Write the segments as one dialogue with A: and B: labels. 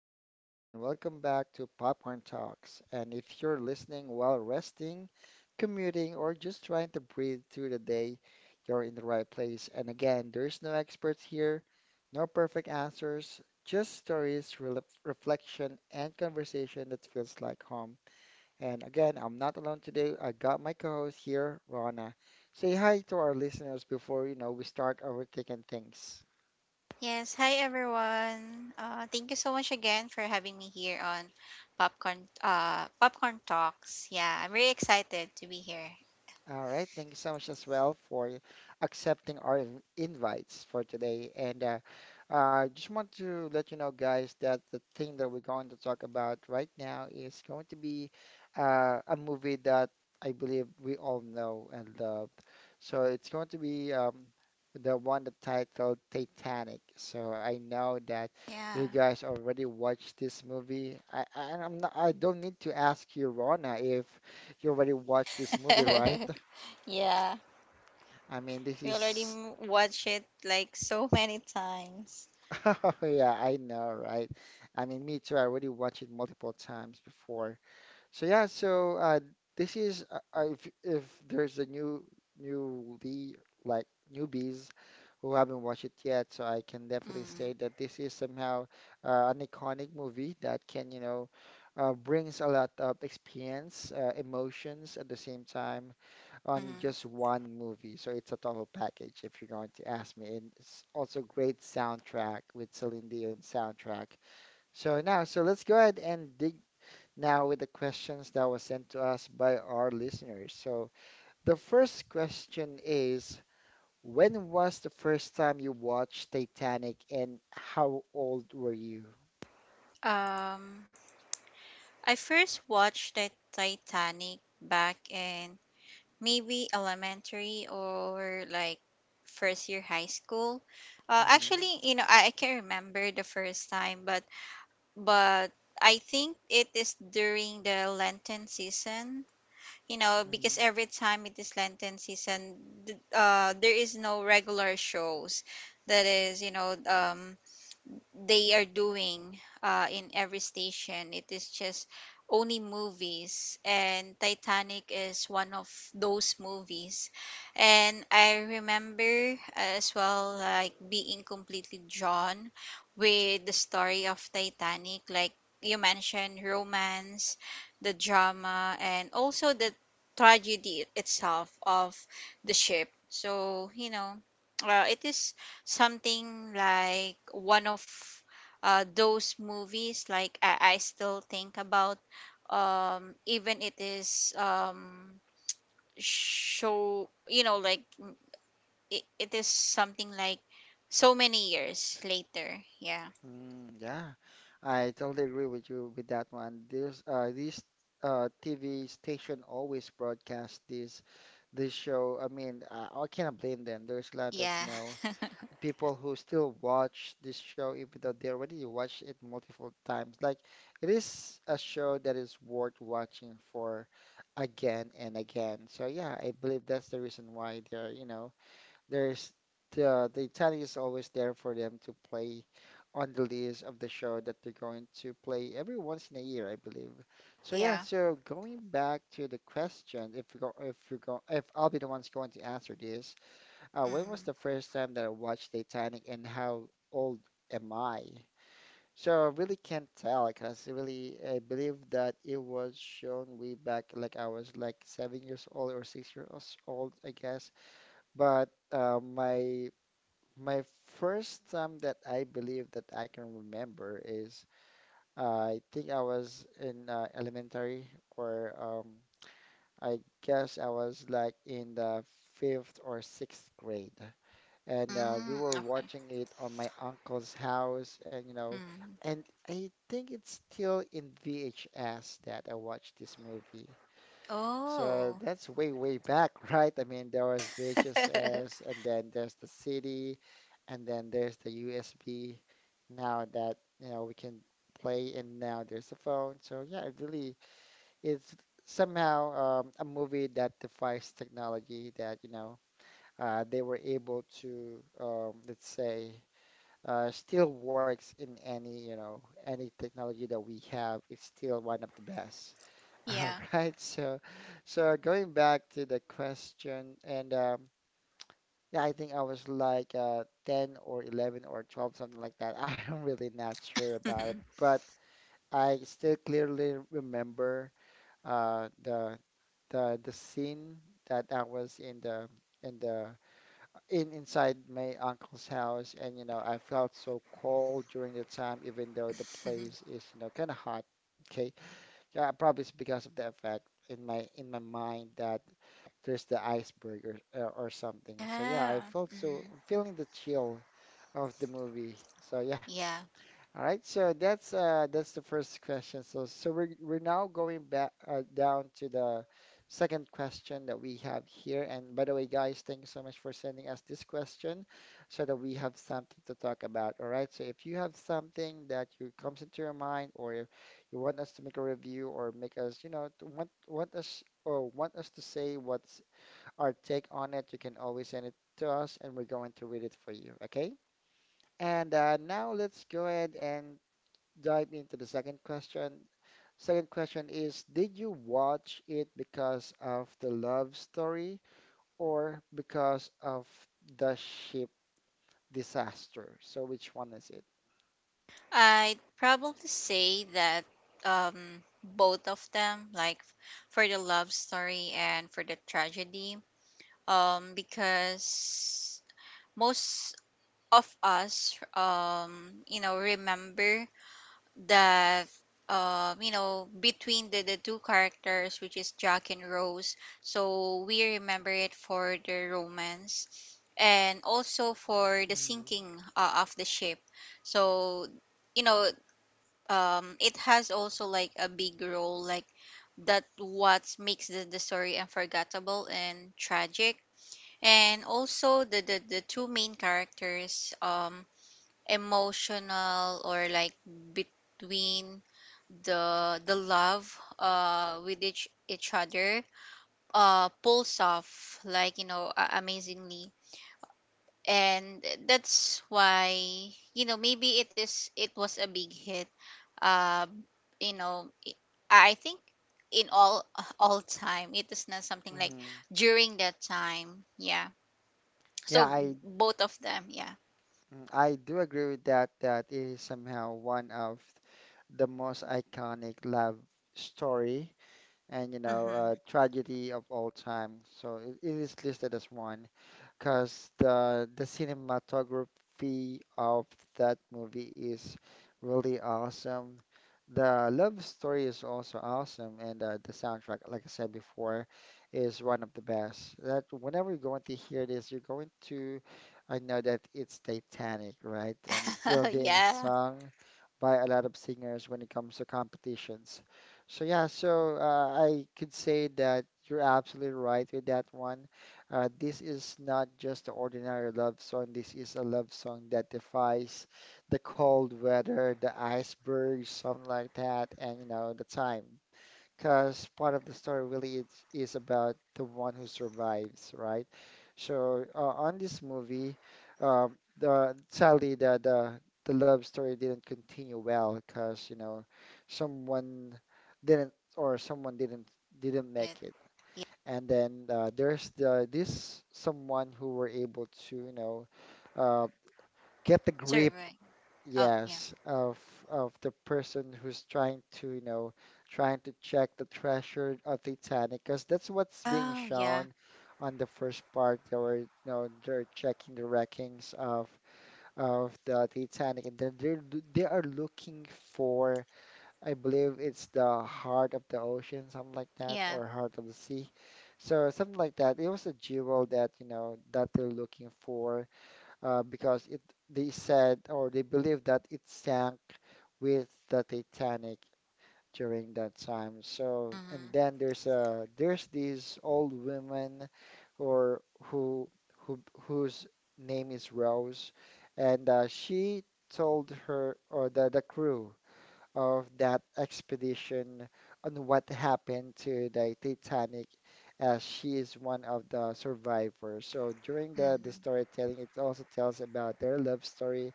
A: your host, and welcome back to Popcorn Talks. And if you're listening while resting, commuting, or just trying to breathe through the day, you're in the right place. And again, there's no experts here, no perfect answers, just stories, rel reflection, and conversation that feels like home. And again, I'm not alone today. I got my co-host here, Rana. Say hi to our listeners before we start overthinking things.
B: Yes, hi everyone. Thank you so much again for having me here on Popcorn Talks. Yeah, I'm really excited to be here.
A: All right. Thank you so much as well for accepting our invites for today. And I just want to let you know, guys, that the thing that we're going to talk about right now is going to be a movie that I believe we all know and love. So it's going to be the one that titled Titanic. So I know that
B: Yeah.
A: you guys already watched this movie. I, I'm not, I don't need to ask you, Rona, if you already watched this movie, right?
B: yeah.
A: I mean, this
B: We already
A: is,
B: watch it like so many times.
A: oh, yeah, I know, right? I mean, me too. I already watched it multiple times before. So yeah, so this is if there's a new newly like newbies who haven't watched it yet, so I can definitely
B: Mm,
A: say that this is somehow an iconic movie that can brings a lot of experience, emotions at the same time, on just
B: mm.
A: one movie. So it's a total package if you're going to ask me. And it's also great soundtrack with Celine Dion soundtrack. So now, so let's go ahead and dig now with the questions that was sent to us by our listeners. So the first question is, when was the first time you watched Titanic and how old were you?
B: Um, I first watched the Titanic back in maybe elementary or like first year high school.
A: Mm-hmm.
B: Actually, you know, I can't remember the first time, but but I think it is during the Lenten season. You know, because every time it is Lenten season, there is no regular shows. That is, you know, they are doing in every station. It is just only movies, and Titanic is one of those movies. And I remember as well, like being completely drawn with the story of Titanic, like you mentioned, romance, the drama, and also the tragedy itself of the ship. So, you know, it is something like one of those movies like I still think about even it is show you know like it is something like so many years later. Yeah.
A: Mm, yeah, I totally agree with you with that one. There's this TV station always broadcast this show. I mean, I cannot blame them. There's a lot of
B: Yeah.
A: people who still watch this show even though they already watched it multiple times. Like it is a show that is worth watching for again and again. So yeah, I believe that's the reason why they're you know there's the Italian is always there for them to play on the list of the show that they're going to play every once in a year, I believe. So yeah,
B: Yeah.
A: so going back to the question, if you go, if you go, if I'll be the one's going to answer this, when
B: Mm.
A: was the first time that I watched Titanic and how old am I? So I really can't tell because really I believe that it was shown way back like I was like 7 years old or 6 years old, I guess. But my first time that I believe that I can remember is I think I was in elementary, or I guess I was like in the fifth or sixth grade. And
B: Mm,
A: we were
B: okay.
A: watching it on my uncle's house, and you know,
B: Mm.
A: and I think it's still in VHS that I watched this movie. So
B: Oh.
A: that's way, way back, right? I mean, there was VHS, and then there's the city and then there's the USB now that we can play, and now there's a phone. So yeah, it really is somehow a movie that defies technology that they were able to let's say still works in any you know any technology that we have. It's still one of the best. All
B: Yeah.
A: right, so going back to the question and yeah, I think I was like 10 or 11 or 12, something like that. I'm really not sure about it, but I still clearly remember uh, the the scene that I was in the in the in inside my uncle's house, and I felt so cold during the time, even though the place is kind of hot. Okay, yeah, probably it's because of the effect in my mind that there's the iceberg or something. So yeah,
B: Yeah.
A: I felt so
B: Mm.
A: I'm feeling the chill of the movie. So yeah,
B: Yeah,
A: all right. So that's the first question. So we're now going back down to the second question that we have here. And by the way, guys, thank you so much for sending us this question so that we have something to talk about. All right. So if you have something that you comes into your mind or you want us to make a review or make us, to want us to say what's our take on it, you can always send it to us and we're going to read it for you. Okay? And now let's go ahead and dive into the second question. Second question is, did you watch it because of the love story or because of the ship disaster? So which one is it?
B: I'd probably say that both of them, like for the love story and for the tragedy, because most of us you know remember that you know between the two characters which is Jack and Rose, so we remember it for the romance and also for the
A: Hmm.
B: sinking of the ship. So you know, it has also like a big role like that, what makes the story unforgettable and tragic, and also the the two main characters emotional or like between the love with each other, pulls off like you know amazingly. And that's why you know maybe it is it was a big hit, uh you know I think in all all time, it is not something like
A: Hmm.
B: during that time. Yeah,
A: Yeah,
B: so
A: I
B: both of them. Yeah.
A: mm, I do agree with that. That it is somehow one of the most iconic love story and
B: Mm-hmm.
A: tragedy of all time. So it is listed as one. Because the cinematography of that movie is really awesome. The love story is also awesome, and the soundtrack, like I said before, is one of the best. That whenever you're going to hear this, you're going to, I know that it's Titanic, right? And still being
B: Yeah.
A: sung by a lot of singers when it comes to competitions. So yeah, so I could say that you're absolutely right with that one. This is not just an ordinary love song. This is a love song that defies the cold weather, the iceberg, something like that, and the time. Because part of the story really is about the one who survives, right? So on this movie, uh, the sadly the love story didn't continue well because someone someone didn't
B: Good.
A: make it. And then there's the this someone who were able touh, get the grip,
B: Survey. Oh yeah.
A: yes, of the person who's trying to check the treasure of Titanic, because that's what's being
B: Oh yeah.
A: shown on the first part. They're checking the wreckings of the Titanic, and then they are looking for. I believe it's the heart of the ocean, something like that,
B: Yeah.
A: or heart of the sea. So something like that. It was a jewel that they're looking for, because it they said or they believe that it sank with the Titanic during that time. So and
B: Mm-hmm.
A: then there's these old women or who whose name is Rose, and she told her or the crew of that expedition on what happened to the Titanic, as she is one of the survivors. So during the
B: Hmm.
A: storytelling, it also tells about their love story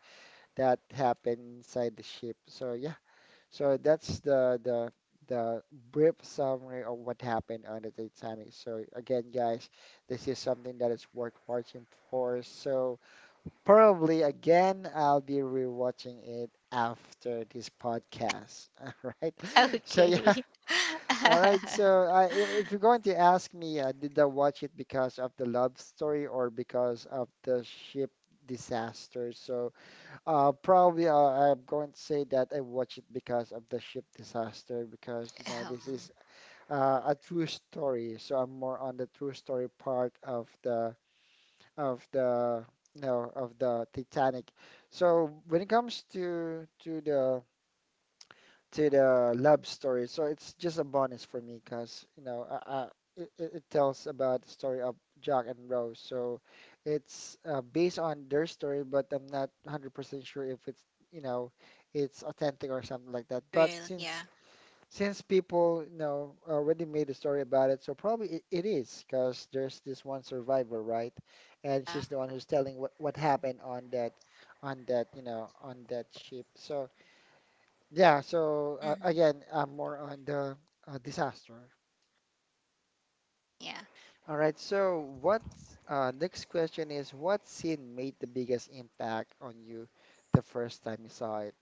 A: that happened inside the ship. So yeah, so that's the brief summary of what happened on the Titanic. So again, guys, this is something that is worth watching for. So probably again, I'll be rewatching it after this podcast. All right. So yeah,
B: Okay.
A: all right. So if you're going to ask me, did I watch it because of the love story or because of the ship disaster? So probably I'm going to say that I watched it because of the ship disaster because
B: Um,
A: this is a true story. So I'm more on the true story part of the of the Titanic. So when it comes to the love story, so it's just a bonus for me because you know I, it tells about the story of Jack and Rose. So it's based on their story, but I'm not 100% sure if it's you know it's authentic or something like that. But
B: real,
A: since
B: yeah.
A: since people, already made a story about it, so probably it is because there's this one survivor, right? And she's
B: Uh,
A: the one who's telling what happened on that ship. So yeah, so
B: mhm,
A: again, I'm more on the disaster.
B: yeah.
A: All right, so what next question is what scene made the biggest impact on you the first time you saw it?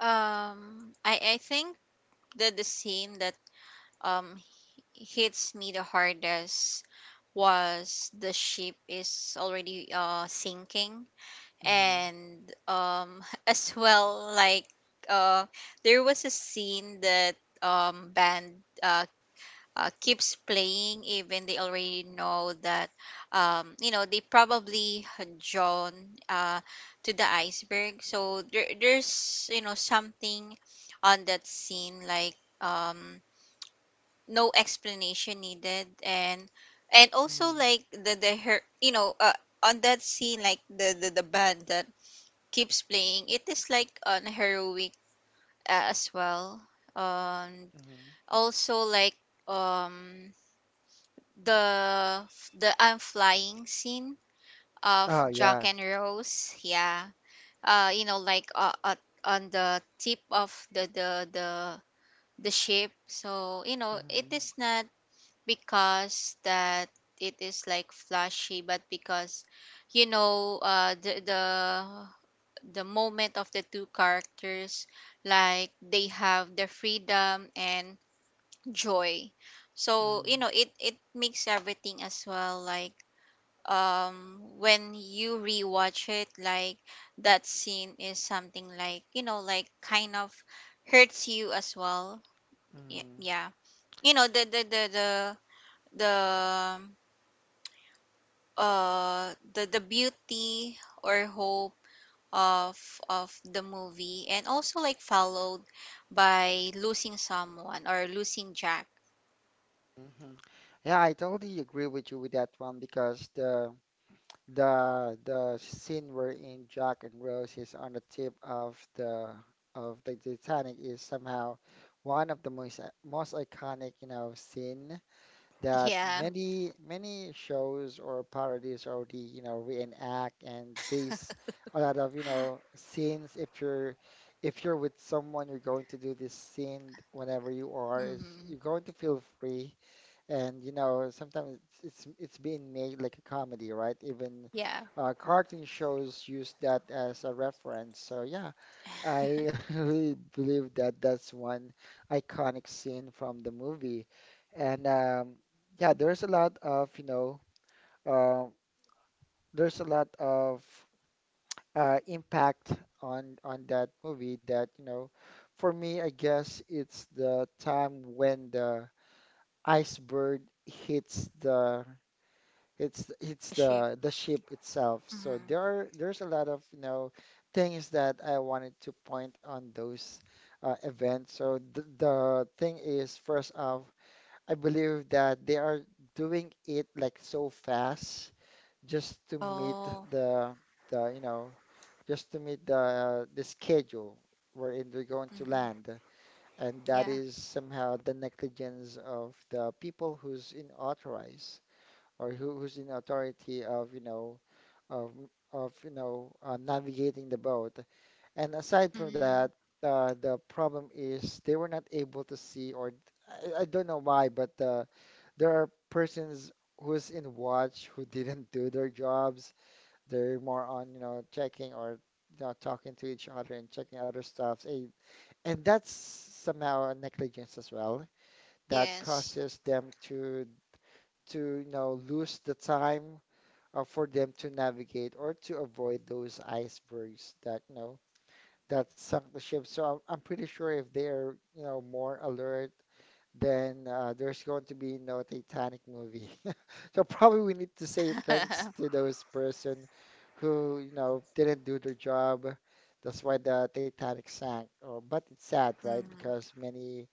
B: I think the scene that um hits me the hardest was the ship is already sinking.
A: Hmm.
B: And as well like uh there was a scene that band uh, keeps playing even they already know that you know they probably had drawn uh to the iceberg. So there there's you know something on that scene like no explanation needed. And also
A: Hmm.
B: like the her you know, on that scene, like the band that keeps playing, it is like on heroic, as well. um
A: Hmm.
B: Also like um the the I'm flying scene of
A: Oh
B: Jack
A: yeah.
B: and Rose. Yeah, you know like on the tip of the ship. So you know
A: Mm-hmm.
B: it is not because that it is like flashy, but because you know the moment of the two characters, like they have their freedom and joy. So
A: Hmm.
B: you know it it makes everything as well like, when you rewatch it like that scene is something like you know like kind of hurts you as well.
A: Hmm.
B: Yeah, you know the the beauty or hope of of the movie, and also like followed by losing someone or losing Jack.
A: Mhm. Yeah, I totally agree with you with that one because the scene wherein Jack and Rose is on the tip of the Titanic is somehow one of the most iconic, scene that
B: Yeah.
A: many shows or parodies already, reenact and base a lot of, scenes if you're with someone, you're going to do this scene whenever you are, is
B: Mm-hmm.
A: you're going to feel free and sometimes it's being made like a comedy, right? Even
B: Yeah.
A: cartoon shows use that as a reference. So yeah, I really believe that that's one iconic scene from the movie. And Yeah, there's a lot of uh, there's a lot of impact on that movie that. For me, I guess it's the time when the iceberg hits the. It's
B: The ship.
A: the ship itself. So there
B: Mm-hmm.
A: are there's a lot of things that I wanted to point on those events. So the thing is, first off, I believe that they are doing it like so fast just to meet
B: Oh.
A: the the just to meet the schedule wherein they're going to
B: Mm-hmm.
A: land, and that
B: Yeah.
A: is somehow the negligence of the people who's in authorize or who's in authority of of of navigating the boat. And aside from that,
B: Mm-hmm.
A: the problem is they were not able to see, or I don't know why, but there are persons who's in watch who didn't do their jobs. They're more on checking or talking to each other and checking other stuff. And that's somehow a negligence as well that
B: Yes.
A: causes them to lose the time for them to navigate or to avoid those icebergs that that sunk the ship. So I'm pretty sure if they're more alert, then there's going to be no Titanic movie. So probably we need to say thanks
B: Mm-hmm.
A: to those person who didn't do their job. That's why the Titanic sank. Oh, but it's sad, right? Because many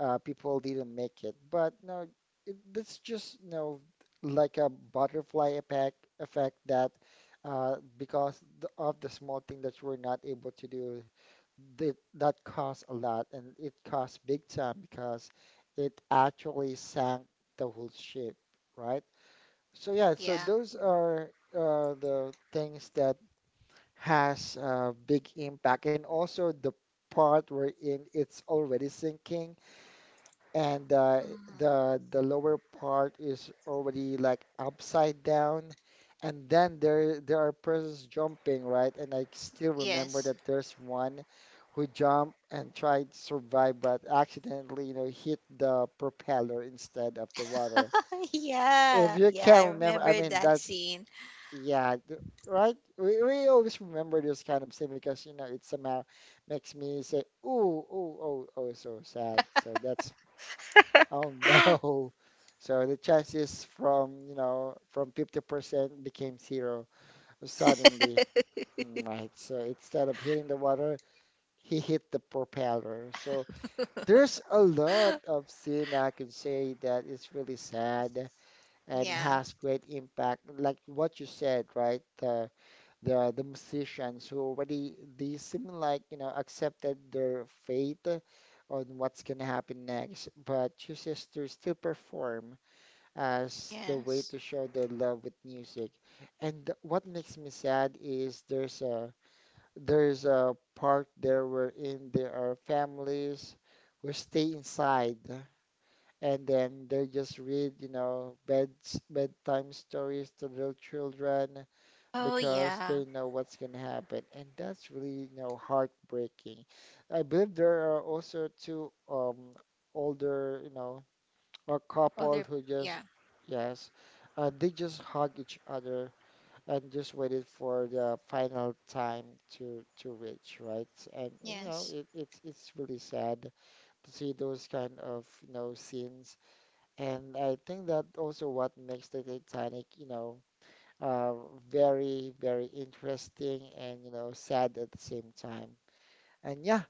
A: people didn't make it. But no, it, that's just like a butterfly effect that because of the small thing that we're not able to do, that that costs a lot and it costs big time because it actually sank the whole ship, right? So yeah, so
B: Yeah.
A: those are the things that has a big impact and also the part wherein it's already sinking and
B: Mm-hmm.
A: the lower part is already like upside down and then there are persons jumping, right, and I still remember
B: Yes.
A: that there's one who jumped and tried to survive but accidentally hit the propeller instead of the water if
B: Yeah,
A: you
B: yeah, I
A: can remember. I
B: remember
A: mean
B: that
A: that's
B: scene.
A: yeah right, we always remember this kind of thing because it somehow makes me say ooh, ooh, oh, oh, so sad, so that's oh no. So the chances from, you know, from 50% became zero suddenly. Right. So instead of hitting the water, he hit the propeller. So there's a lot of scene I can say that is really sad and
B: Yeah.
A: has great impact. Like what you said, right? The musicians who already they seem like, you know, accepted their fate on what's gonna happen next, but chooses to still perform as the way
B: Yes.
A: to show their love with music. And what makes me sad is there's a part there wherein there are families who stay inside and then they just read, you know, beds bedtime stories to little children
B: Oh
A: because
B: yeah.
A: they know what's gonna happen. And that's really, you know, heartbreaking. I believe there are also two older, you know, a couple
B: Other.
A: who just
B: Yeah.
A: yes they just hug each other and just waited for the final time to reach, right, and you know,
B: Yes.
A: it's really sad to see those kind of you know scenes and I think that also what makes the Titanic you know uh, very interesting and you know sad at the same time and yeah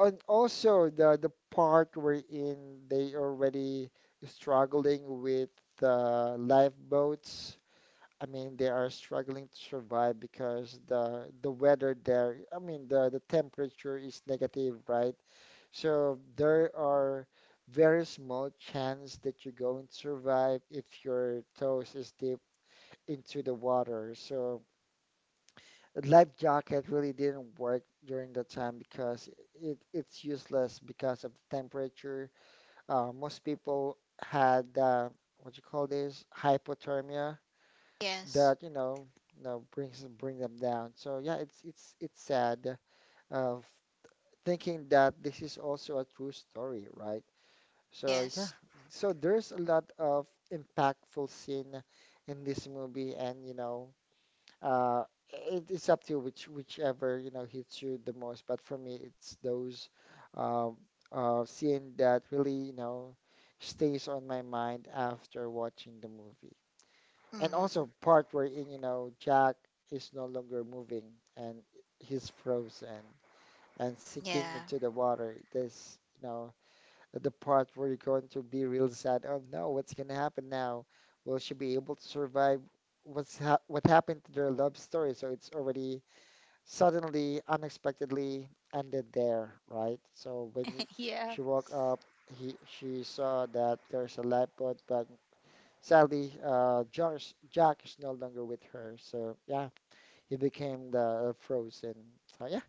A: and also the part wherein they already struggling with the lifeboats. I mean, they are struggling to survive because the weather there, I mean, the temperature is negative, right? So there are very small chance that you're going to survive if your toes is deep into the water. So the life jacket really didn't work during that time because it's useless because of the temperature. Most people had what you call this hypothermia
B: Yes.
A: that you know bring them down. So yeah, it's sad of thinking that this is also a true story, right? So yeah,
B: Yes.
A: so there's a lot of impactful scene in this movie, and you know uh, it's up to you which whichever you know hits you the most. But for me, it's those uh, scene that really you know stays on my mind after watching the movie. And
B: Mm,
A: also part wherein you know Jack is no longer moving and he's frozen and sinking
B: yeah.
A: into the water. This you know the part where you're going to be real sad. Oh no, what's gonna happen now? Will she be able to survive? What's ha what happened to their love story? So it's already suddenly, unexpectedly ended there, right? So when
B: Yeah.
A: she woke up, he she saw that there's a lifeboat, but sadly, Josh Jack is no longer with her. So yeah, he became the frozen. So yeah.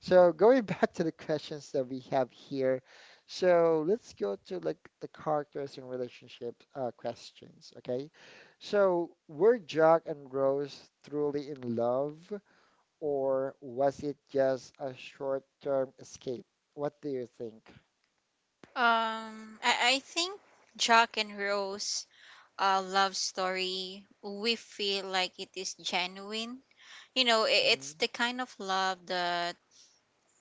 A: So going back to the questions that we have here. So let's go to like the characters and relationship questions. Okay. So were Jack and Rose truly in love, or was it just a short-term escape? What do you think?
B: I think Jack and Rose love story, we feel like it is genuine. You know,
A: Mm-hmm.
B: it's the kind of love that,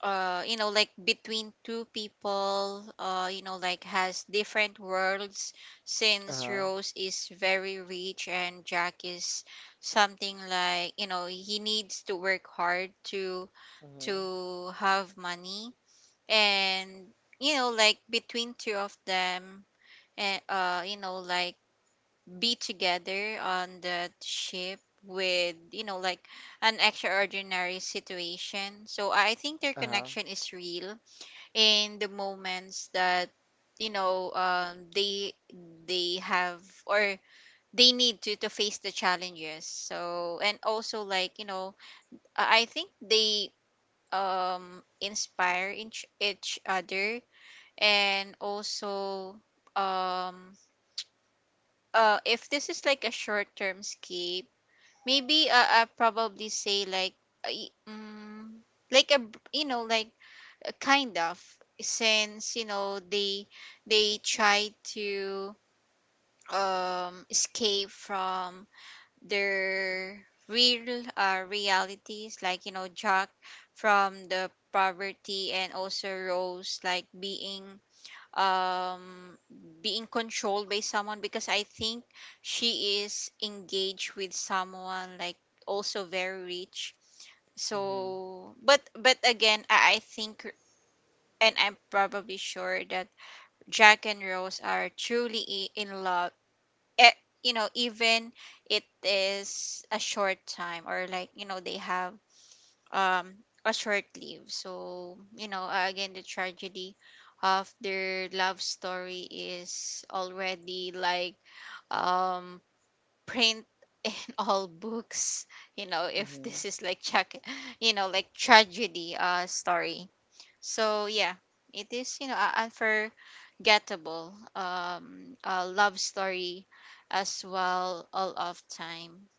B: you know, like between two people, you know, like has different worlds, since
A: Uh-huh.
B: Rose is very rich and Jack is something like, you know, he needs to work hard
A: Mm-hmm.
B: to have money. And you know like between two of them, and you know like be together on the ship with you know like an extraordinary situation. So I think their
A: Uh-huh.
B: connection is real in the moments that you know they have or they need to face the challenges. So and also like you know I think they um inspire each other. And also um if this is like a short term escape, maybe I probably say like I- mm like you know like a kind of, since you know they try to escape from their real realities, like you know Jack from the poverty, and also Rose like being um being controlled by someone, because I think she is engaged with someone like also very rich.
A: Mm-hmm.
B: So but again I think and I'm probably sure that Jack and Rose are truly in love. Eh, you know, even it is a short time or like, you know, they have um a short lived. So you know, again, the tragedy of their love story is already like um print in all books. You know, if
A: Mm-hmm.
B: this is like check you know like tragedy story. So yeah, it is you know a unforgettable a love story as well all of time.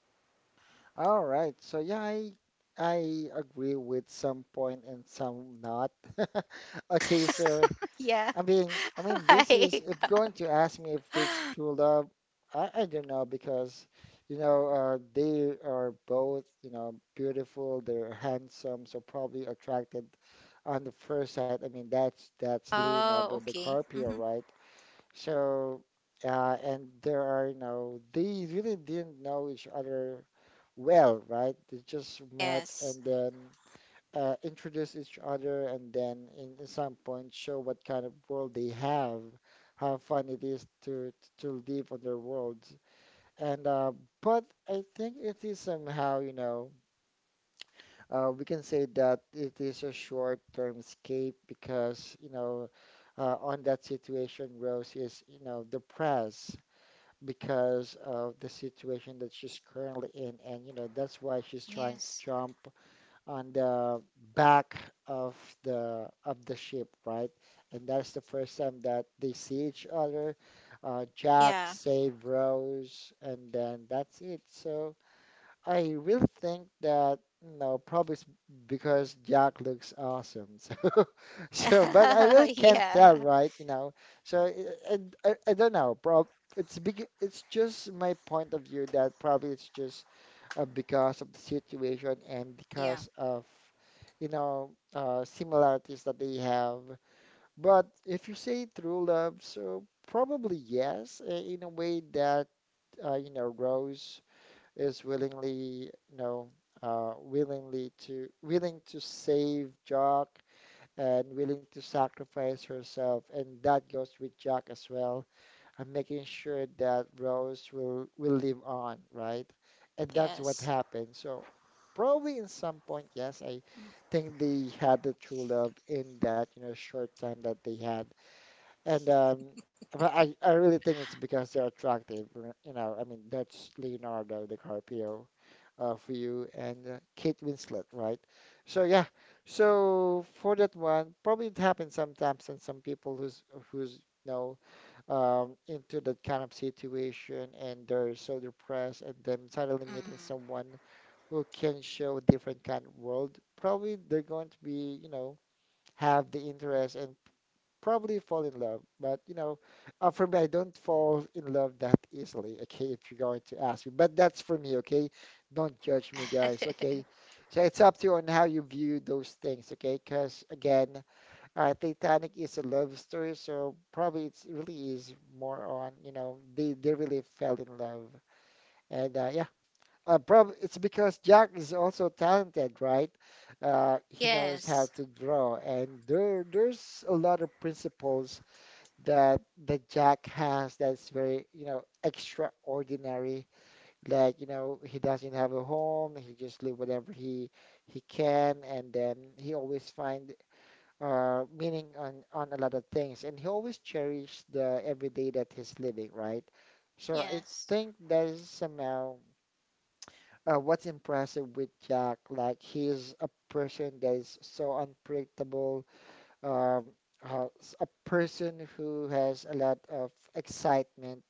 A: All right. So yeah, I agree with some point and some not. Okay, so
B: Yeah.
A: I mean, I mean, this is
B: Why?
A: if going to ask me if it's true love, I don't know because you know they are both you know beautiful, they're handsome, so probably attracted on the first sight. I mean, that's
B: Oh,
A: Leonardo
B: okay.
A: DiCaprio,
B: Mm-hmm.
A: right? So, and there are, you know, they really didn't know each other well, right? They just met
B: Yes.
A: and then introduced each other, and then in some point show what kind of world they have, how fun it is to live on their worlds. And But I think it is somehow, you know, we can say that it is a short-term escape because, you know, on that situation, Rose is, you know, depressed because of the situation that she's currently in. And, you know, that's why she's trying to
B: Yes.
A: jump on the back of the ship, right? And that's the first time that they see each other. Jack
B: Yeah.
A: save Rose, and then that's it. So I really think that no, probably it's because Jack looks awesome. So, so, but I really can't tell,
B: Yeah.
A: right? You know, so I don't know. Prob It's big. It's just my point of view that probably it's just because of the situation and
B: Yeah.
A: because of you know similarities that they have. But if you say true love, so probably yes, in a way that you know Rose is willingly, you know, willing to save Jack and willing to sacrifice herself, and that goes with Jack as well. I'm making sure that Rose will live on, right? And that's what
B: Yes.
A: happened. So probably in some point, yes, I think they had the true love in that, you know, short time that they had and but I really think it's because they're attractive. You know, I mean, that's Leonardo DiCaprio for you and Kate Winslet, right? So yeah, so for that one, probably it happens sometimes on some people who's you know into that kind of situation and they're so depressed and then suddenly meeting
B: Mm.
A: someone who can show a different kind of world. Probably they're going to be, you know, have the interest and probably fall in love. But you know, for me, I don't fall in love that easily. Okay, if you're going to ask me, but that's for me. Okay, don't judge me, guys. Okay, so it's up to you on how you view those things. Okay, because again, Titanic is a love story, so probably it's really is more on you know they really fell in love. And Yeah, probably it's because Jack is also talented, right? He
B: Yes.
A: knows how to draw, and there's a lot of principles that Jack has that's very, you know, extraordinary. Like, you know, he doesn't have a home. He just live whatever he can, and then he always find meaning on a lot of things, and he always cherish the everyday that he's living, right? So I
B: Yes.
A: think that is somehow what's impressive with Jack. Like, he's a person that is so unpredictable. Um, uh, s- a person who has a lot of excitement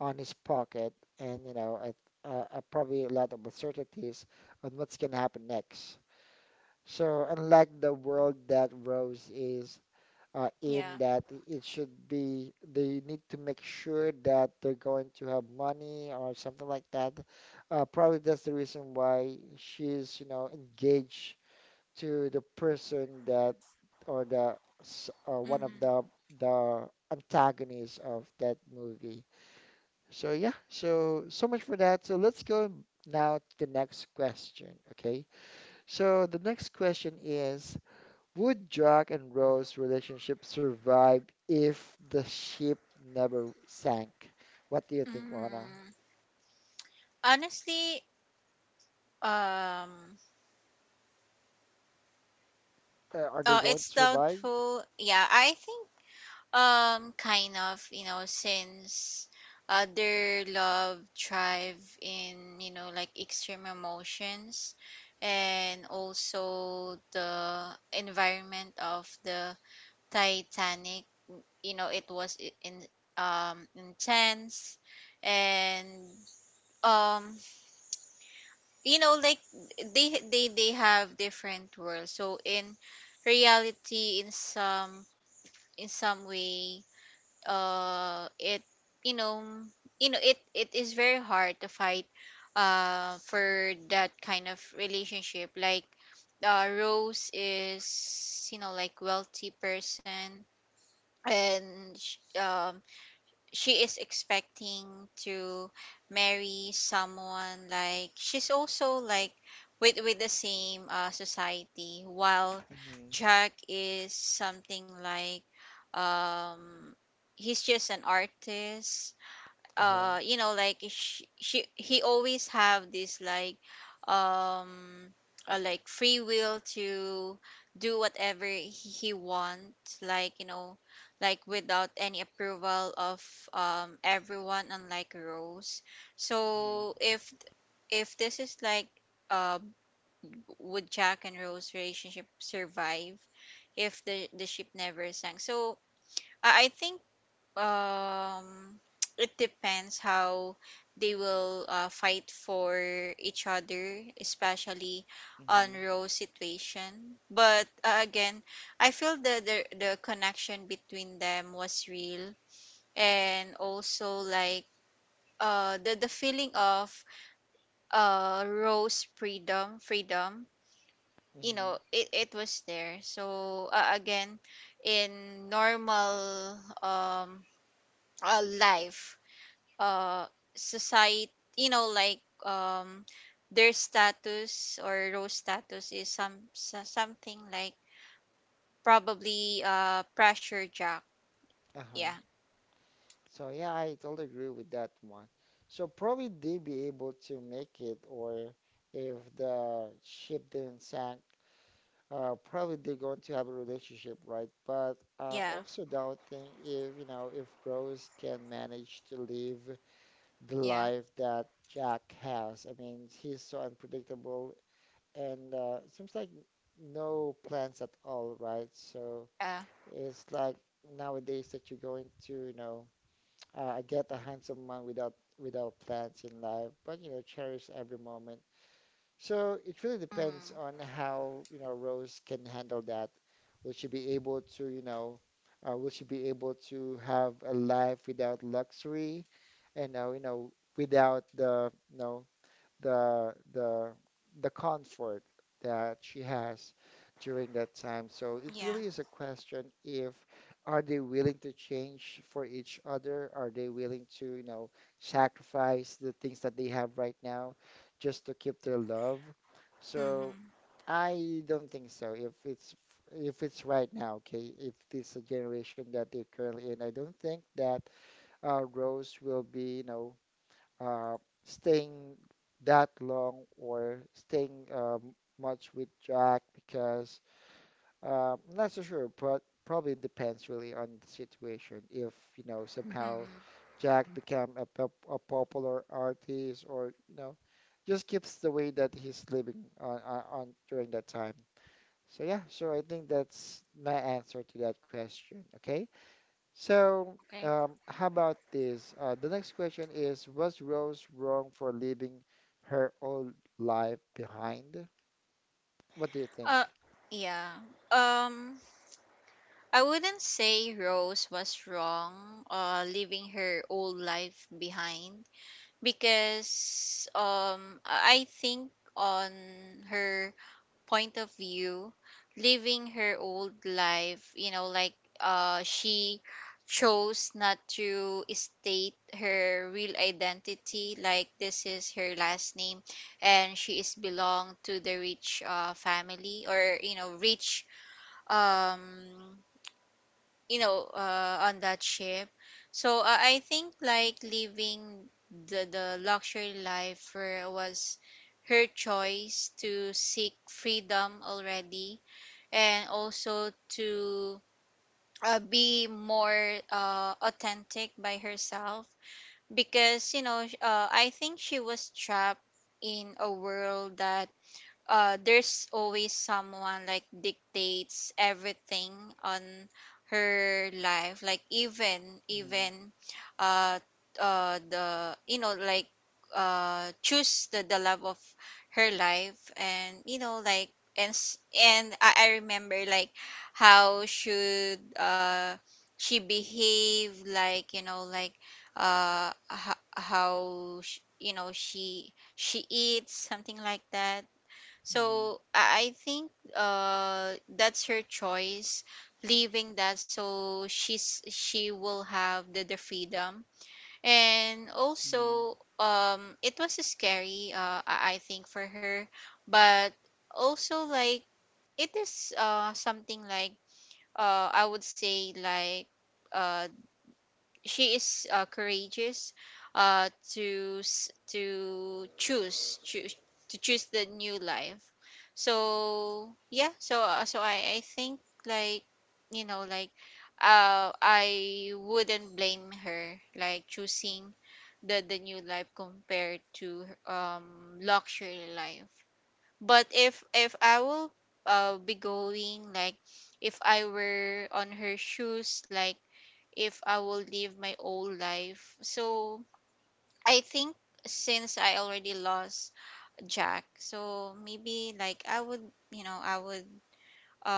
A: on his pocket and probably a lot of uncertainties on what's going to happen next. So unlike the world that Rose is
B: Yeah.
A: in, that it should be they need to make sure that they're going to have money or something like that. Probably that's the reason why she's engaged to the person that, or one of
B: Mm-hmm.
A: the antagonists of that movie. So yeah, so much for that. So let's go now to the next question, okay? So the next question is, would Jack and Rose relationship survive if the ship never sank? What do you think, Rana?
B: Mm. Honestly, um,
A: Are they
B: oh,
A: going
B: it's
A: to survive?
B: doubtful. Yeah, I think kind of, you know, since their love thrive in, you know, like extreme emotions and also the environment of the Titanic, you know, it was in intense and um you know like they have different worlds. So in reality in some way it you know it it is very hard to fight for that kind of relationship, like Rose is you know like wealthy person, and she is expecting to marry someone like she's also like with the same society, while
A: Mm-hmm.
B: Jack is something like um he's just an artist.
A: Uh-huh.
B: You know like she he always have this um like free will to do whatever he want, like you know like without any approval of everyone, unlike Rose.
A: Mm-hmm.
B: So if this is like uh would Jack and Rose relationship survive if the ship never sank? So I think um it depends how they will fight for each other, especially on
A: Mm-hmm.
B: Rose situation. But again, I feel the connection between them was real. And also like the feeling of Rose freedom, you
A: Mm-hmm.
B: know it, it was there. So again, in normal life, uh society, you know like their status or role status is something like probably pressure Jack.
A: Uh-huh.
B: Yeah.
A: So yeah, I totally agree with that one. So probably they be able to make it, or if the ship didn't sank, probably they're going to have a relationship, right? But
B: Yeah.
A: also doubting if you know if Rose can manage to live the
B: Yeah.
A: life that Jack has. I mean, he's so unpredictable, and seems like no plans at all, right? So
B: Yeah.
A: it's like nowadays that you're going to. I get a handsome man without plans in life, but cherish every moment. So it really
B: Mm,
A: depends on how, Rose can handle that. Will she be able to, you know, will she be able to have a life without luxury and, without the, no the the the comfort that she has during that time. So it
B: yeah.
A: really is a question if are they willing to change for each other? Are they willing to, sacrifice the things that they have right now just to keep their love?
B: Mm-hmm.
A: So I don't think so. If it's right now, okay, if it's a generation that they're currently in, I don't think that Rose will be, uh, staying that long or staying much with Jack because I'm not so sure, but probably depends really on the situation. If somehow
B: Mm-hmm.
A: Jack become a popular artist or just keeps the way that he's living on during that time. So yeah, so I think that's my answer to that question. Okay. So,
B: Okay.
A: how about this? The next question is, was Rose wrong for leaving her old life behind? What do you think?
B: uh yeah, um I wouldn't say Rose was wrong leaving her old life behind, because I think on her point of view, living her old life, you know, like she chose not to state her real identity, like this is her last name, and she is belong to the rich family, or you know rich um you know on that ship. So I think like living the luxury life was her choice to seek freedom already, and also to be more authentic by herself, because you know I think she was trapped in a world that there's always someone like dictates everything on her life. Like even
A: Mhm.
B: even uh the you know like choose the love of her life. And you know like and and I remember like how should she behave, like you know like how you know she eats, something like that.
A: Mhm.
B: So I think that's her choice, leaving that, so she's she will have the freedom. And
A: Mhm.
B: also it was scary, I think for her, but also like it is something like I would say like uh she is courageous to s- to choose choose to choose the new life. So yeah, so so I think like you know like I wouldn't blame her like choosing the new life compared to luxury life. But if I will be going like if I were on her shoes, like if I will live my old life. So I think since I already lost Jack, so maybe like I would, you know, I would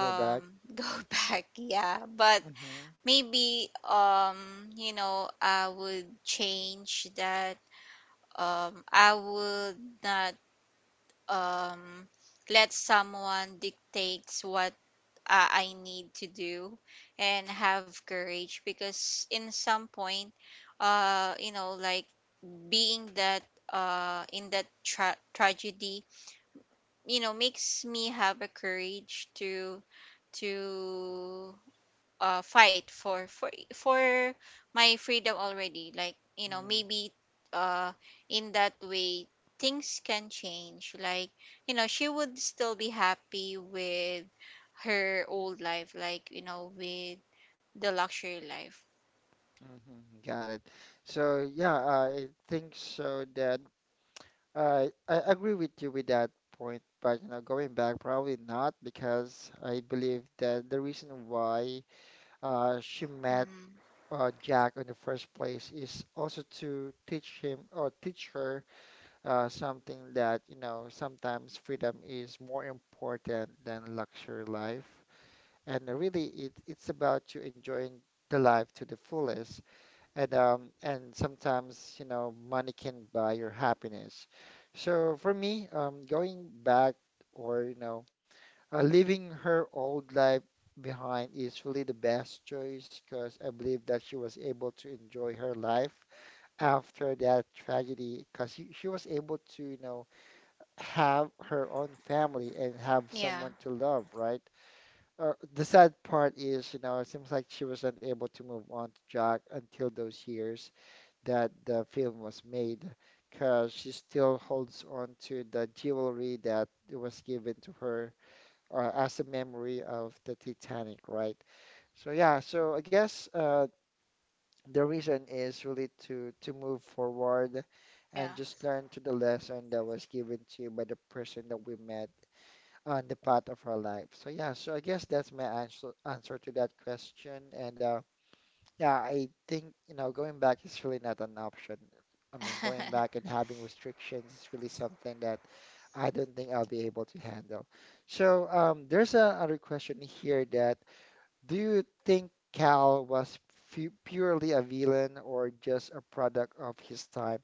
A: Go back.
B: go back, yeah. But
A: Hmm.
B: maybe you know, I would change that. I would not um let someone dictates what I need to do, and have courage because in some point, uh you know like being that in that tragedy, you know, makes me have a courage to to fight for my freedom already, like, you know,
A: Mhm.
B: maybe uh in that way things can change, like, you know, she would still be happy with her old life, like, you know, with the luxury life.
A: Mhm. Got it. So yeah, I think so that I agree with you with that point, but going back probably not because I believe that the reason why she met
B: Mm,
A: Jack in the first place is also to teach him or teach her something that, sometimes freedom is more important than luxury life. And really, it's about you enjoying the life to the fullest. And sometimes, money can buy your happiness. So for me, going back or, leaving her old life behind is really the best choice because I believe that she was able to enjoy her life after that tragedy because she was able to, have her own family and have
B: yeah,
A: someone to love, right? The sad part is, it seems like she was unable to move on to Jack until those years that the film was made because she still holds on to the jewelry that was given to her as a memory of the Titanic, right? So yeah, so I guess the reason is really to move forward
B: yeah,
A: and just learn to the lesson that was given to you by the person that we met on the path of our life. So yeah, so I guess that's my answer to that question. And yeah, I think, going back is really not an option. I mean, going back and having restrictions is really something that I don't think I'll be able to handle. So, there's another question here that do you think Cal was fu purely a villain or just a product of his time?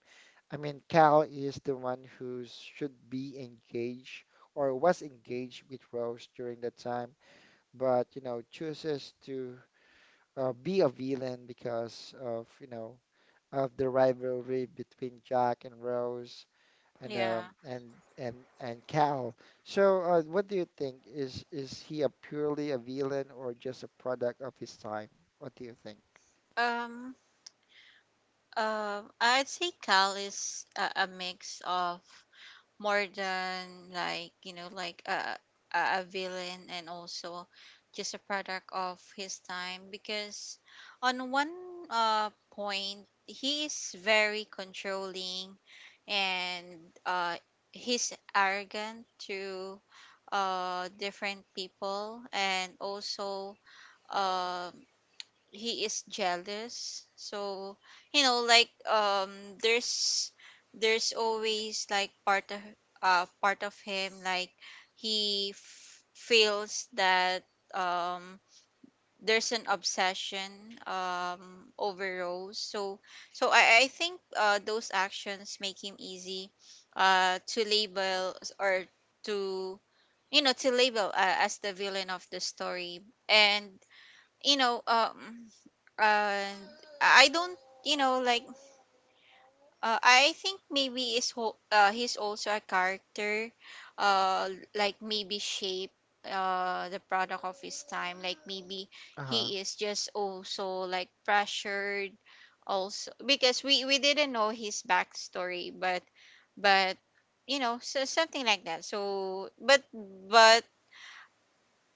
A: I mean, Cal is the one who should be engaged or was engaged with Rose during that time, but, chooses to be a villain because of, of the rivalry between Jack and Rose and
B: yeah.
A: um, and and Cal. So, what do you think? Is he a purely a villain or just a product of his time? What do you think?
B: um I'd say Cal is a mix of more than, like, you know, like a a villain and also just a product of his time, because on one point he is very controlling and uh he's arrogant to different people, and also um he is jealous. So, you know, like, there's there's always, like, part of him, like, he feels that um there's an obsession over Rose. So, I think those actions make him easy to label, or to, you know, to label as the villain of the story. And, you know, uh I don't, you know, like, I think maybe is he's also a character, uh like maybe shape the product of his time. Like, maybe
A: Uh-huh.
B: he is just also like pressured, also because we didn't know his backstory, but but you know, so something like that. So but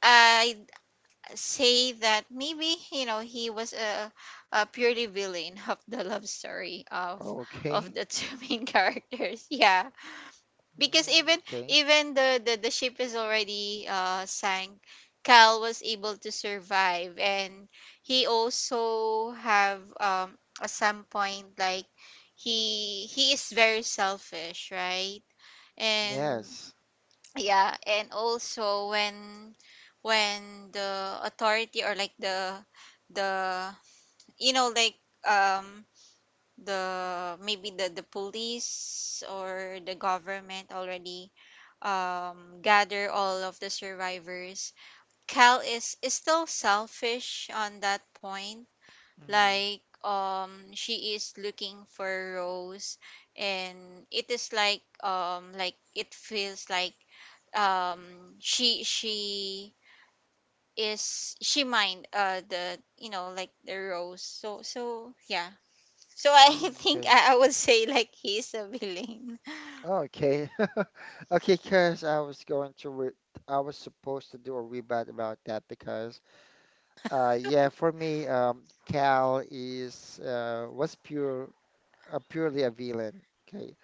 B: I say that maybe, you know, he was a purely villain of the love story
A: Oh,
B: of
A: okay.
B: the two main characters. Yeah. Because
A: Mm,
B: even
A: okay.
B: even the ship is already sank, Cal was able to survive. And he also have at some point, like, he is very selfish, right? And
A: Yes.
B: yeah, and also when the authority, or like the, you know, like, um the, maybe the police or the government already gather all of the survivors, Cal is still selfish on that point.
A: Mm,
B: Like, she is looking for Rose, and it is like, it feels like, um she is she mind the, you know, like, the Rose. So, so yeah, so I
A: mm,
B: think
A: okay.
B: I would say like he's a villain.
A: Oh, okay. Okay, because I was supposed to do a rebut about that. Because yeah, for me, Cal is was purely a villain. Okay,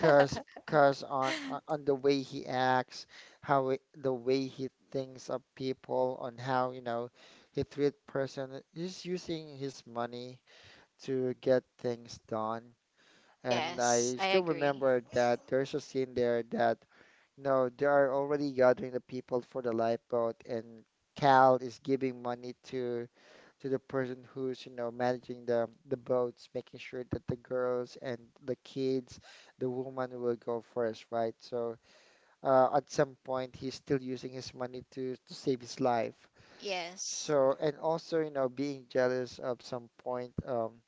A: cause cause on the way he acts, how it, the way he thinks of people, on how he treat person. He's using his money to get things done. And I
B: Yes, I
A: still
B: agree.
A: remember that there's a scene there that no, they are already gathering the people for the lifeboat, and Cal is giving money to the person who's, you know, managing the boats, making sure that the girls and the kids, the woman will go first, right? So at some point, he's still using his money to save his life.
B: Yes.
A: So and also, you know, being jealous of some point,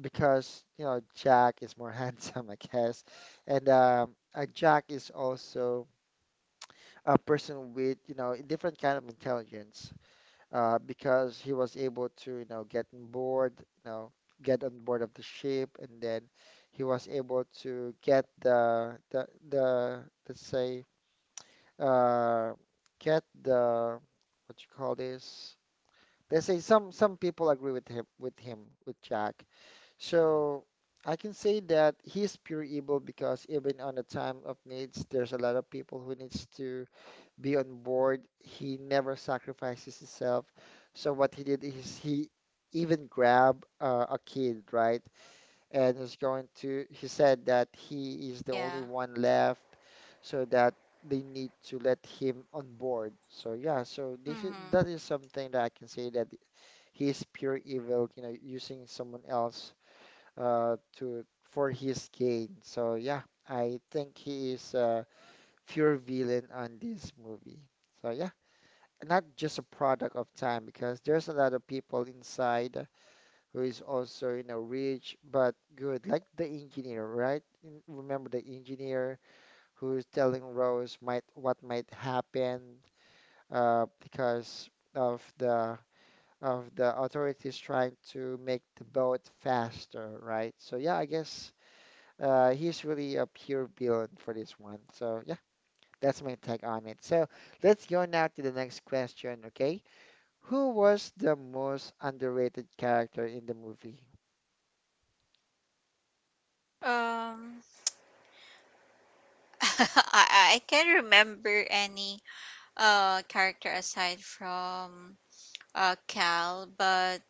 A: because Jack is more handsome, I guess, and Jack is also a person with, you know, a different kind of intelligence, because he was able to, get on board of the ship, and then he was able to get the let's say uh get the what you call this? Let's say some people agree with him with Jack. So I can say that he's pure evil because even on the time of needs, there's a lot of people who needs to be on board. He never sacrifices himself. So what he did is he even grabbed a kid, right? And he said
B: Yeah.
A: that he is the only one left, so that they need to let him on board. So
B: Mm-hmm.
A: yeah, so this is that is something that I can say that he is pure evil, you know, using someone else to for his gain. So yeah, I think he is a pure villain on this movie. So yeah, not just a product of time because there's a lot of people inside who is also, you know, rich but good, like the engineer, right? Mm. Remember the engineer who is telling Rose might what might happen because of the of the authorities trying to make the boat faster, right? So yeah, I guess he's really a pure villain for this one. So yeah, that's my take on it. So let's go now to the next question, okay? Who was the most underrated character in the movie?
B: um I can't remember any character aside from Cal. But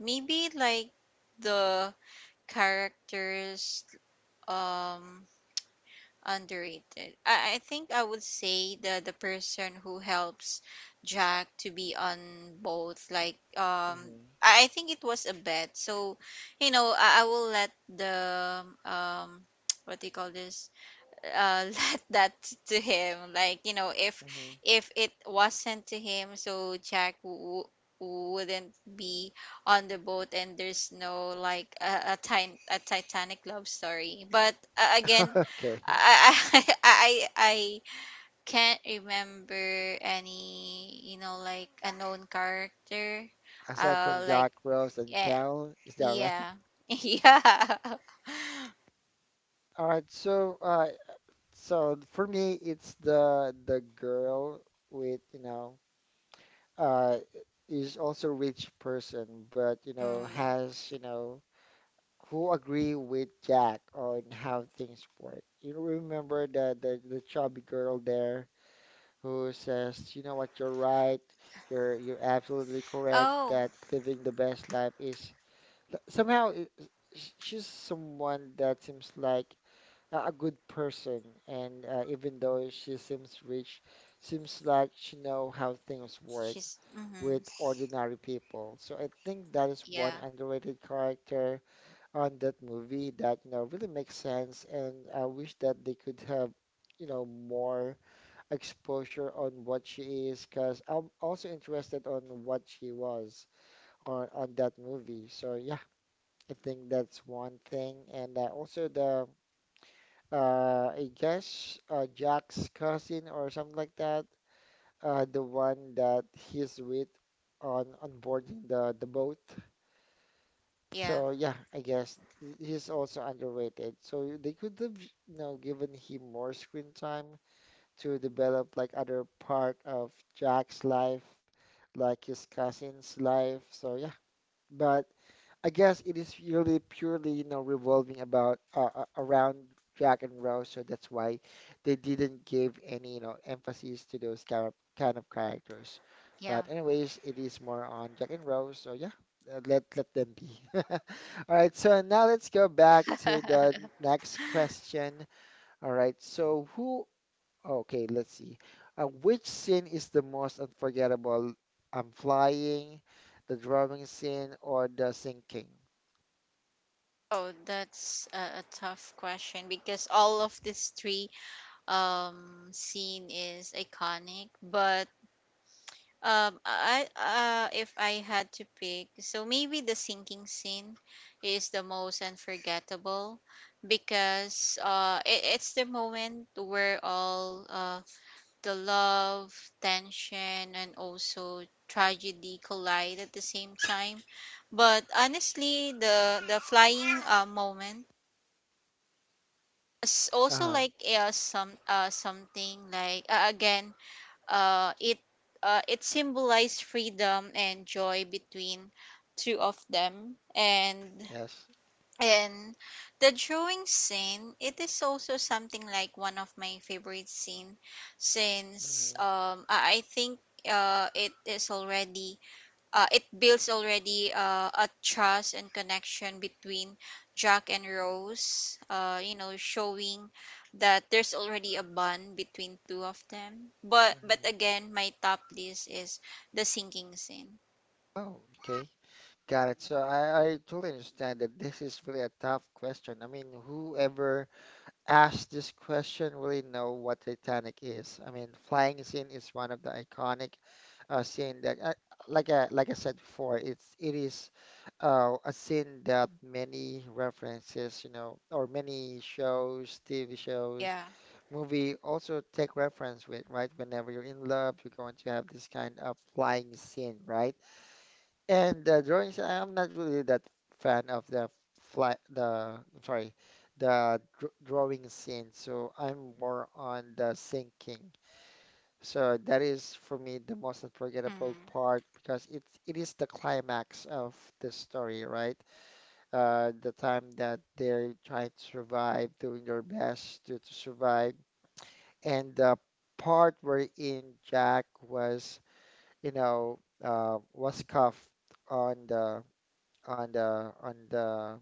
B: maybe like the characters, um underrated. I think I would say the person who helps Jack to be on both. Like,
A: Mm-hmm.
B: I think it was a bet. So, you know, I will let the, what do you call this? uh Let that to him, like, you know,
A: Mm-hmm.
B: if it wasn't to him, so Jack wouldn't be on the boat, and there's no like a Titanic love story. But again,
A: Okay.
B: I I can't remember any, you know, like a known character.
A: Aside from
B: uh like
A: Jack, Rose, and
B: eh,
A: Cal, is that right?
B: yeah. Yeah.
A: All right. So, so for me, it's the girl with, uh, is also rich person, but
B: Mm.
A: has, who agree with Jack on how things work. You remember the chubby girl there who says, you know what, you're right, you're absolutely correct
B: Oh,
A: that living the best life is somehow she's someone that seems like a good person, and even though she seems rich, seems like she know how things work
B: she's mm-hmm.
A: with ordinary people. So I think that is one
B: Yeah,
A: underrated character on that movie that really makes sense, and I wish that they could have more exposure on what she is, because I'm also interested on what she was on that movie. So yeah, I think that's one thing. And also the I guess Jack's cousin or something like that, the one that he's with on boarding the boat.
B: yeah,
A: So yeah, I guess he's also underrated. So they could have, given him more screen time to develop like other part of Jack's life like his cousin's life. So yeah, but I guess it is really purely, revolving about around Jack and Rose. So that's why they didn't give any, emphasis to those kind of characters.
B: yeah.
A: But anyways, it is more on Jack and Rose. So yeah, let them be. All right. So now let's go back to the next question. All right. So who okay, let's see. Which scene is the most unforgettable? I'm flying, the drowning scene, or the sinking?
B: Oh, that's a tough question, because all of these three scene is iconic. But I if I had to pick, so maybe the sinking scene is the most unforgettable, because it's the moment where all the love, tension, and also tragedy collide at the same time. But honestly, the flying moment is also
A: Uh-huh.
B: like something like again, uh, it it symbolized freedom and joy between two of them. and
A: Yes.
B: and the drawing scene, it is also something like one of my favorite scene, since
A: hmm
B: I think it is already, it builds already a trust and connection between Jack and Rose, you know, showing that there's already a bond between two of them. But
A: hmm
B: again, my top list is the sinking scene.
A: Oh, okay. Got it. So I totally understand that this is really a tough question. I mean, whoever asked this question really know what Titanic is. I mean, flying scene is one of the iconic scene that, I, like I like I said before, it is a scene that many references, or many shows, TV shows,
B: Yeah.
A: movie also take reference with, right? Whenever you're in love, you're going to have this kind of flying scene, right? And the drawings, I'm not really that fan of the fly, the, I'm sorry, the dr drawing scene, so I'm more on the sinking. So that is for me the most unforgettable
B: Mhm.
A: part because it is the climax of the story, right? The time that they're trying to survive, doing their best to survive. And the part wherein Jack was, was cuffed on the on the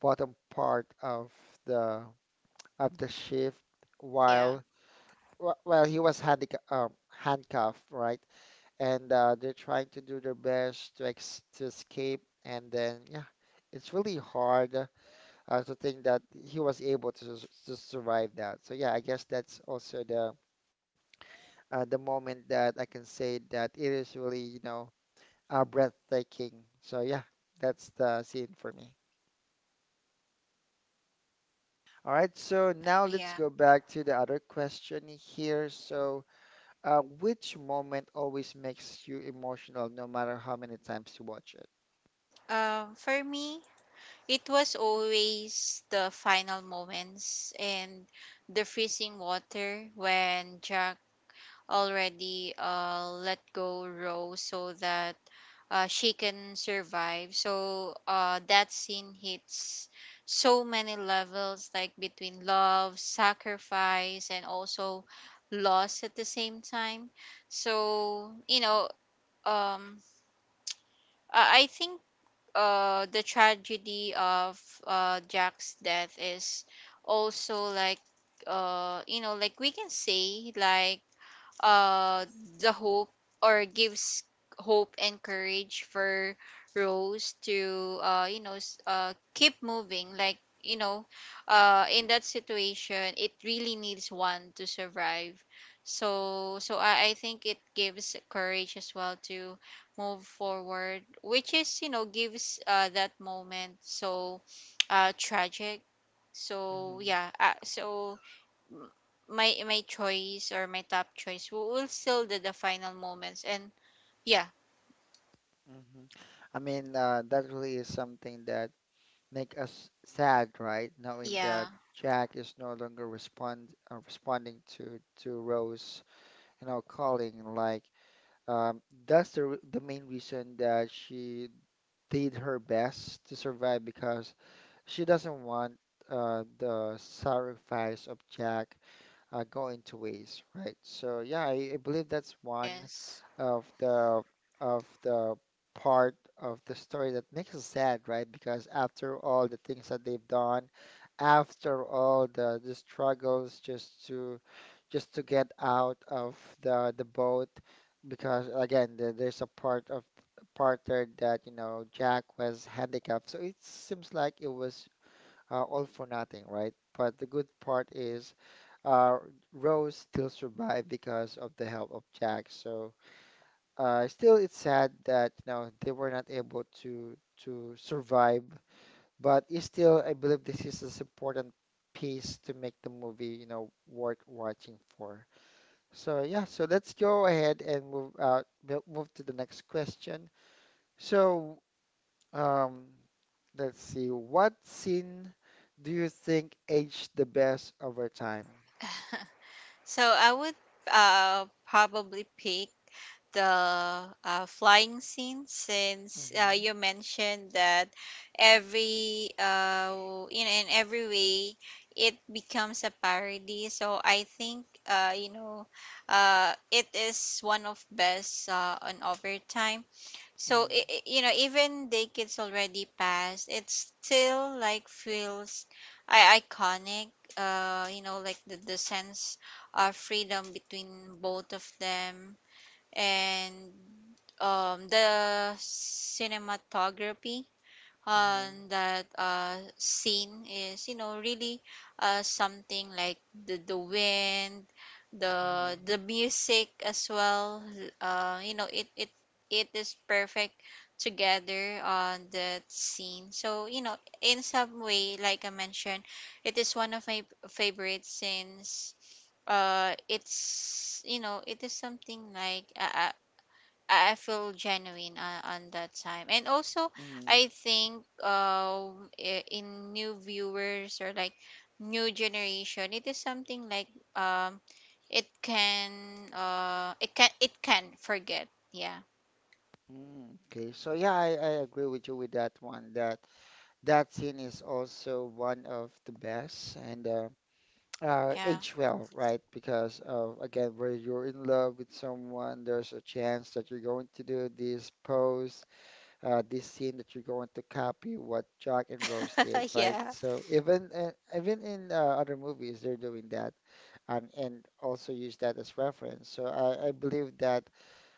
A: bottom part the of the shift
B: Yeah.
A: while while he was handic handcuffed, right? And they're trying to do their best to ex to escape, and then yeah, it's really hard to think that he was able to to survive that. So yeah, I guess that's also the moment that I can say that it is really, breathtaking. So yeah, that's the scene for me. All right, so now let's
B: Yeah.
A: go back to the other question here. So, which moment always makes you emotional, no matter how many times you watch it?
B: For me, it was always the final moments and the freezing water when Jack already let go Rose so that she can survive. So that scene hits so many levels, like between love, sacrifice, and also loss at the same time. So, you know, um, I think the tragedy of Jack's death is also like, you know, like, we can say like, uh the hope, or gives hope and courage for Rose to, you know, keep moving, like, you know, in that situation, it really needs one to survive. So so I think it gives courage as well to move forward, which is, you know, gives that moment so tragic. So
A: hmm
B: yeah, m- my choice, or my top choice, will still the final moments. And yeah.
A: hmm I mean, that really is something that make us sad, right? Knowing that
B: Yeah.
A: Jack is no longer responding to Rose and our calling. Like um, that's the main reason that she did her best to survive because she doesn't want the sacrifice of Jack go into waste, right? So yeah, I believe that's one
B: Yes.
A: of the of the part of the story that makes us sad, right? Because after all the things that they've done, after all the struggles just to get out of the boat, because again, there's a part of part there that you know Jack was handicapped, so it seems like it was all for nothing, right? But the good part is uh, Rose still survived because of the help of Jack. So still, it's sad that you know they were not able to survive. But it's still, I believe this is this important piece to make the movie you know worth watching for. So yeah, so let's go ahead and move to the next question. So um, let's see, what scene do you think aged the best over time?
B: So I would probably pick the flying scene, since
A: hmm
B: you mentioned that every in every way it becomes a parody. So I think, you know, it is one of best on overtime. So
A: hmm
B: you know, even decades already passed, it still like feels iconic. You know, like the sense of freedom between both of them. And the cinematography
A: hmm
B: on that scene is, you know, really something like the wind,
A: Mm-hmm.
B: the music as well, you know, it it is perfect together on that scene. So, you know, in some way, like I mentioned, it is one of my favorites, since it's, you know, it is something like I feel genuine on that time. And also,
A: Mm-hmm.
B: I think in new viewers, or like new generation, it is something like, um, it can, it can, it can forget. Yeah,
A: Mm. Okay, so yeah, I agree with you with that one. That that scene is also one of the best and
B: yeah,
A: age well, right? Because of again, where you're in love with someone, there's a chance that you're going to do this pose, this scene that you're going to copy what Jack and Rose did, right?
B: yeah.
A: So even even in other movies, they're doing that and also use that as reference. So I believe that.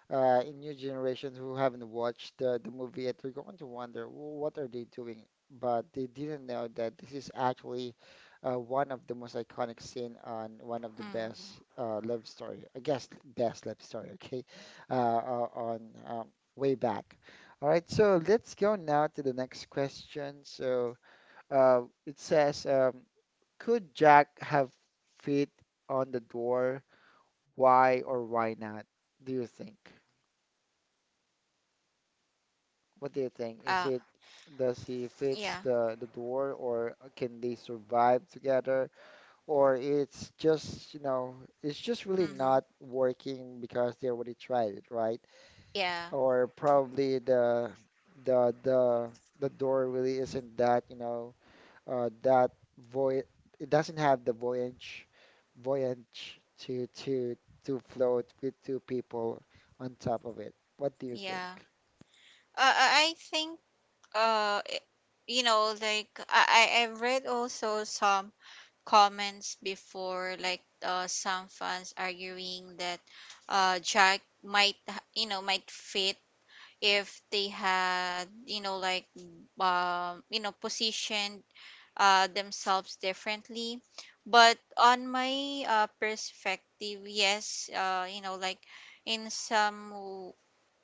A: In new generation who haven't watched the movie yet, they're going to wonder, "Well, what are they doing? But they didn't know that this is actually one of the most iconic scene on one of the best
B: Mm.
A: love story, I guess best love story," okay, on way back. All right, so let's go now to the next question. So uh, it says, could Jack have feet on the door? Why or why not? Do you think? What do you think?
B: Uh,
A: Is it does he
B: yeah,
A: fits the door or can they survive together? Or it's just, you know, it's just really
B: mm-hmm.
A: not working because they already tried it, right?
B: Yeah,
A: Or probably the the the door really isn't that, you know, that voy it doesn't have the voyage to to float with two people on top of it. What do you think?
B: yeah. I think, uh, i- you know, like, I read also some comments before, like, some fans arguing that Jack might, you know, might fit if they had, you know, like, you know, positioned themselves differently. But on my perspective, yes, you know, like, in some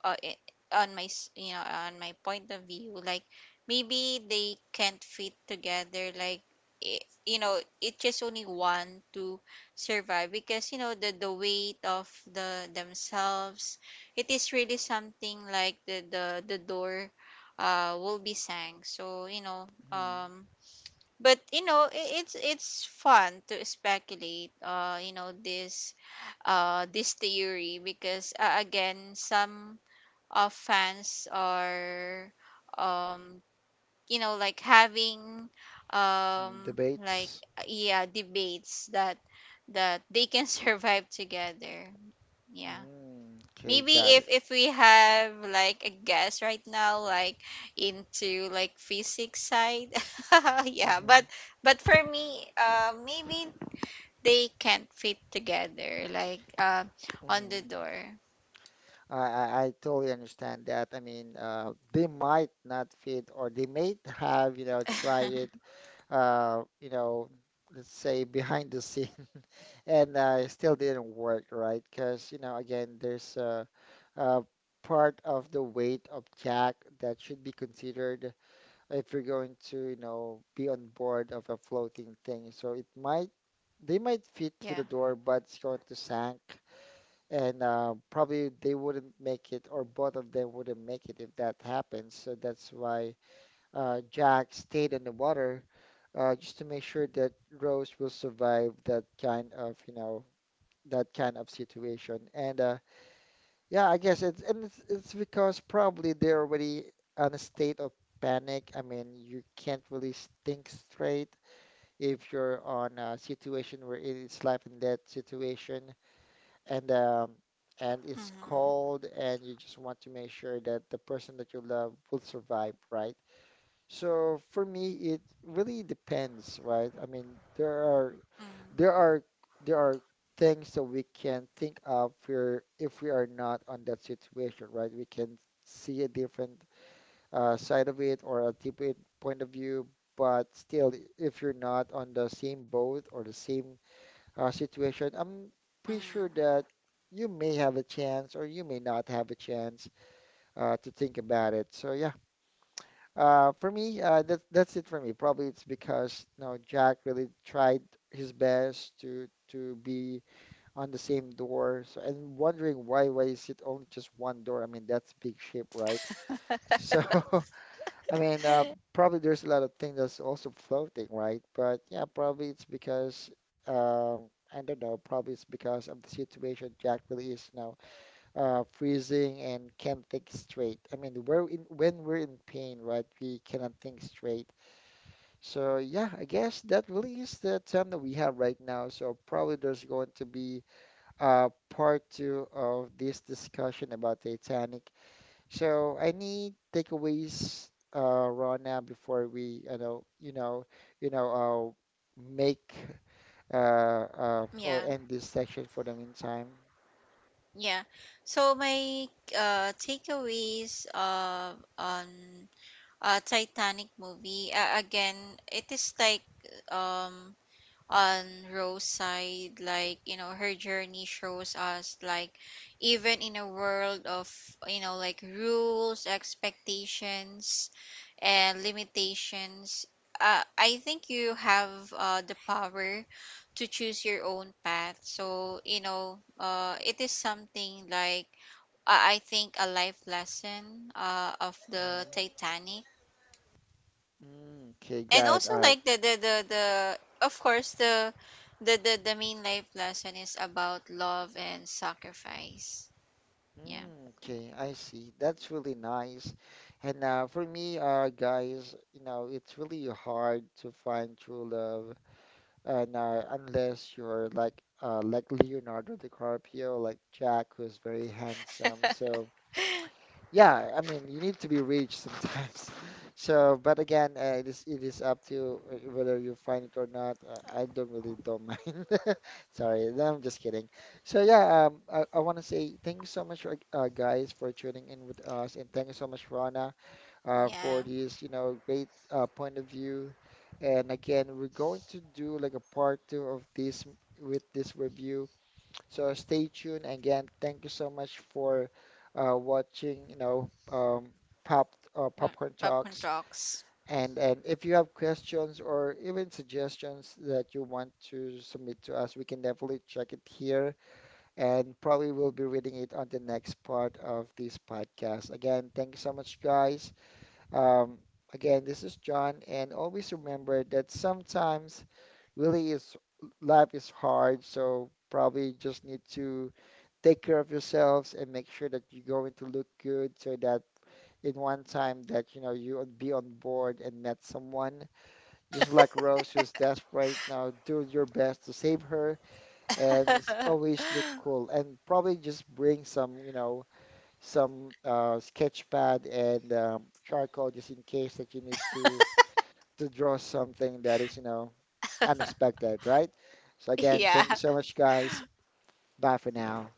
B: uh, i- on my you know, on my point of view, like, maybe they can't fit together, like, you know, it just only one to survive, because, you know, the weight of the themselves, it is really something like the door will be sank. So, you know,
A: Mhm.
B: but, you know, it's fun to speculate, you know, this this theory, because, again, some of fans or, um you know, like having, um like
A: Debates.
B: yeah, debates that they can survive together. Yeah.
A: Mm, okay,
B: Maybe
A: got it.
B: if we have like a guest right now, like, into like physics side. Yeah.
A: hmm
B: But for me, maybe they can't fit together, like, on the
A: hmm
B: door.
A: I I totally understand that. I mean, they might not fit, or they may have, you know, try it, uh, you know, let's say behind the scene, and it still didn't work, right? Because, you know, again, there's a part of the weight of Jack that should be considered if you're going to, you know, be on board of a floating thing. So it might they might fit to
B: Yeah.
A: the door, but it's going to sink, and probably they wouldn't make it, or both of them wouldn't make it if that happens. So that's why Jack stayed in the water just to make sure that Rose will survive that kind of, you know, that kind of situation. And yeah, I guess it's and it's, it's because probably they're already on a state of panic. I mean, you can't really think straight if you're on a situation where it is life and death situation and um, and it's
B: Mm-hmm.
A: cold and you just want to make sure that the person that you love will survive, right? So for me, it really depends, right? I mean, there
B: Mm-hmm.
A: are there are things that we can think of for if we are not on that situation, right? We can see a different side of it or a different point of view, but still, if you're not on the same boat or the same situation, I'm pretty
B: Mm-hmm.
A: sure that you may have a chance or you may not have a chance to think about it. So yeah, for me, that's it for me. Probably it's because you know Jack really tried his best to be on the same door. So and wondering why is it only just one door? I mean that's big ship, right? So I mean, probably there's a lot of things that's also floating, right? But yeah, probably it's because I don't know. Probably it's because of the situation Jack really is now freezing and can't think straight. I mean, we're in when we're in pain, right? We cannot think straight. So yeah, I guess that really is the time that we have right now. So probably there's going to be part two of this discussion about Titanic, so any takeaways, Rona, before we, you know, you know, you know, make or
B: Yeah.
A: end this section for the meantime?
B: Yeah. So my takeaways on Titanic movie, again, it is like, um on Rose's side, like, you know, her journey shows us, like, even in a world of, you know, like, rules, expectations, and limitations, I think you have the power to choose your own path. So, you know, it is something like, I think a life lesson of the
A: Mhm.
B: Titanic.
A: Mm, okay,
B: And
A: got it. All
B: also
A: right.
B: like the, of course, the, main life lesson is about love and sacrifice. Yeah.
A: Mm, okay, I see. That's really nice. And for me, guys, you know, it's really hard to find true love, and unless you're like Leonardo DiCaprio, like Jack, who's very handsome. So. Yeah, I mean, you need to be rich sometimes. So, but again, it is up to you, whether you find it or not. I don't really don't mind. Sorry, no, I'm just kidding. So yeah, I want to say thank you so much, for, guys, for tuning in with us, and thank you so much, Rana, for
B: Yeah.
A: this, you know, great point of view. And again, we're going to do like a part two of with this review, so stay tuned again. Thank you so much for watching, you know,
B: Well,
A: Popcorn
B: popcorn
A: Talks.
B: talks.
A: And if you have questions or even suggestions that you want to submit to us, we can definitely check it here, and probably we'll be reading it on the next part of this podcast. Again, thank you so much, guys. Um, again, this is John, and always remember that sometimes really is life is hard, so probably just need to take care of yourselves and make sure that you're going to look good so that in one time that you know you would be on board and met someone just like Rose who's desperate now, do your best to save her and always look cool and probably just bring some you know some sketch pad and charcoal just in case that you need to draw something that is you know unexpected, right? So again
B: Yeah.
A: thank you so much guys, bye for now.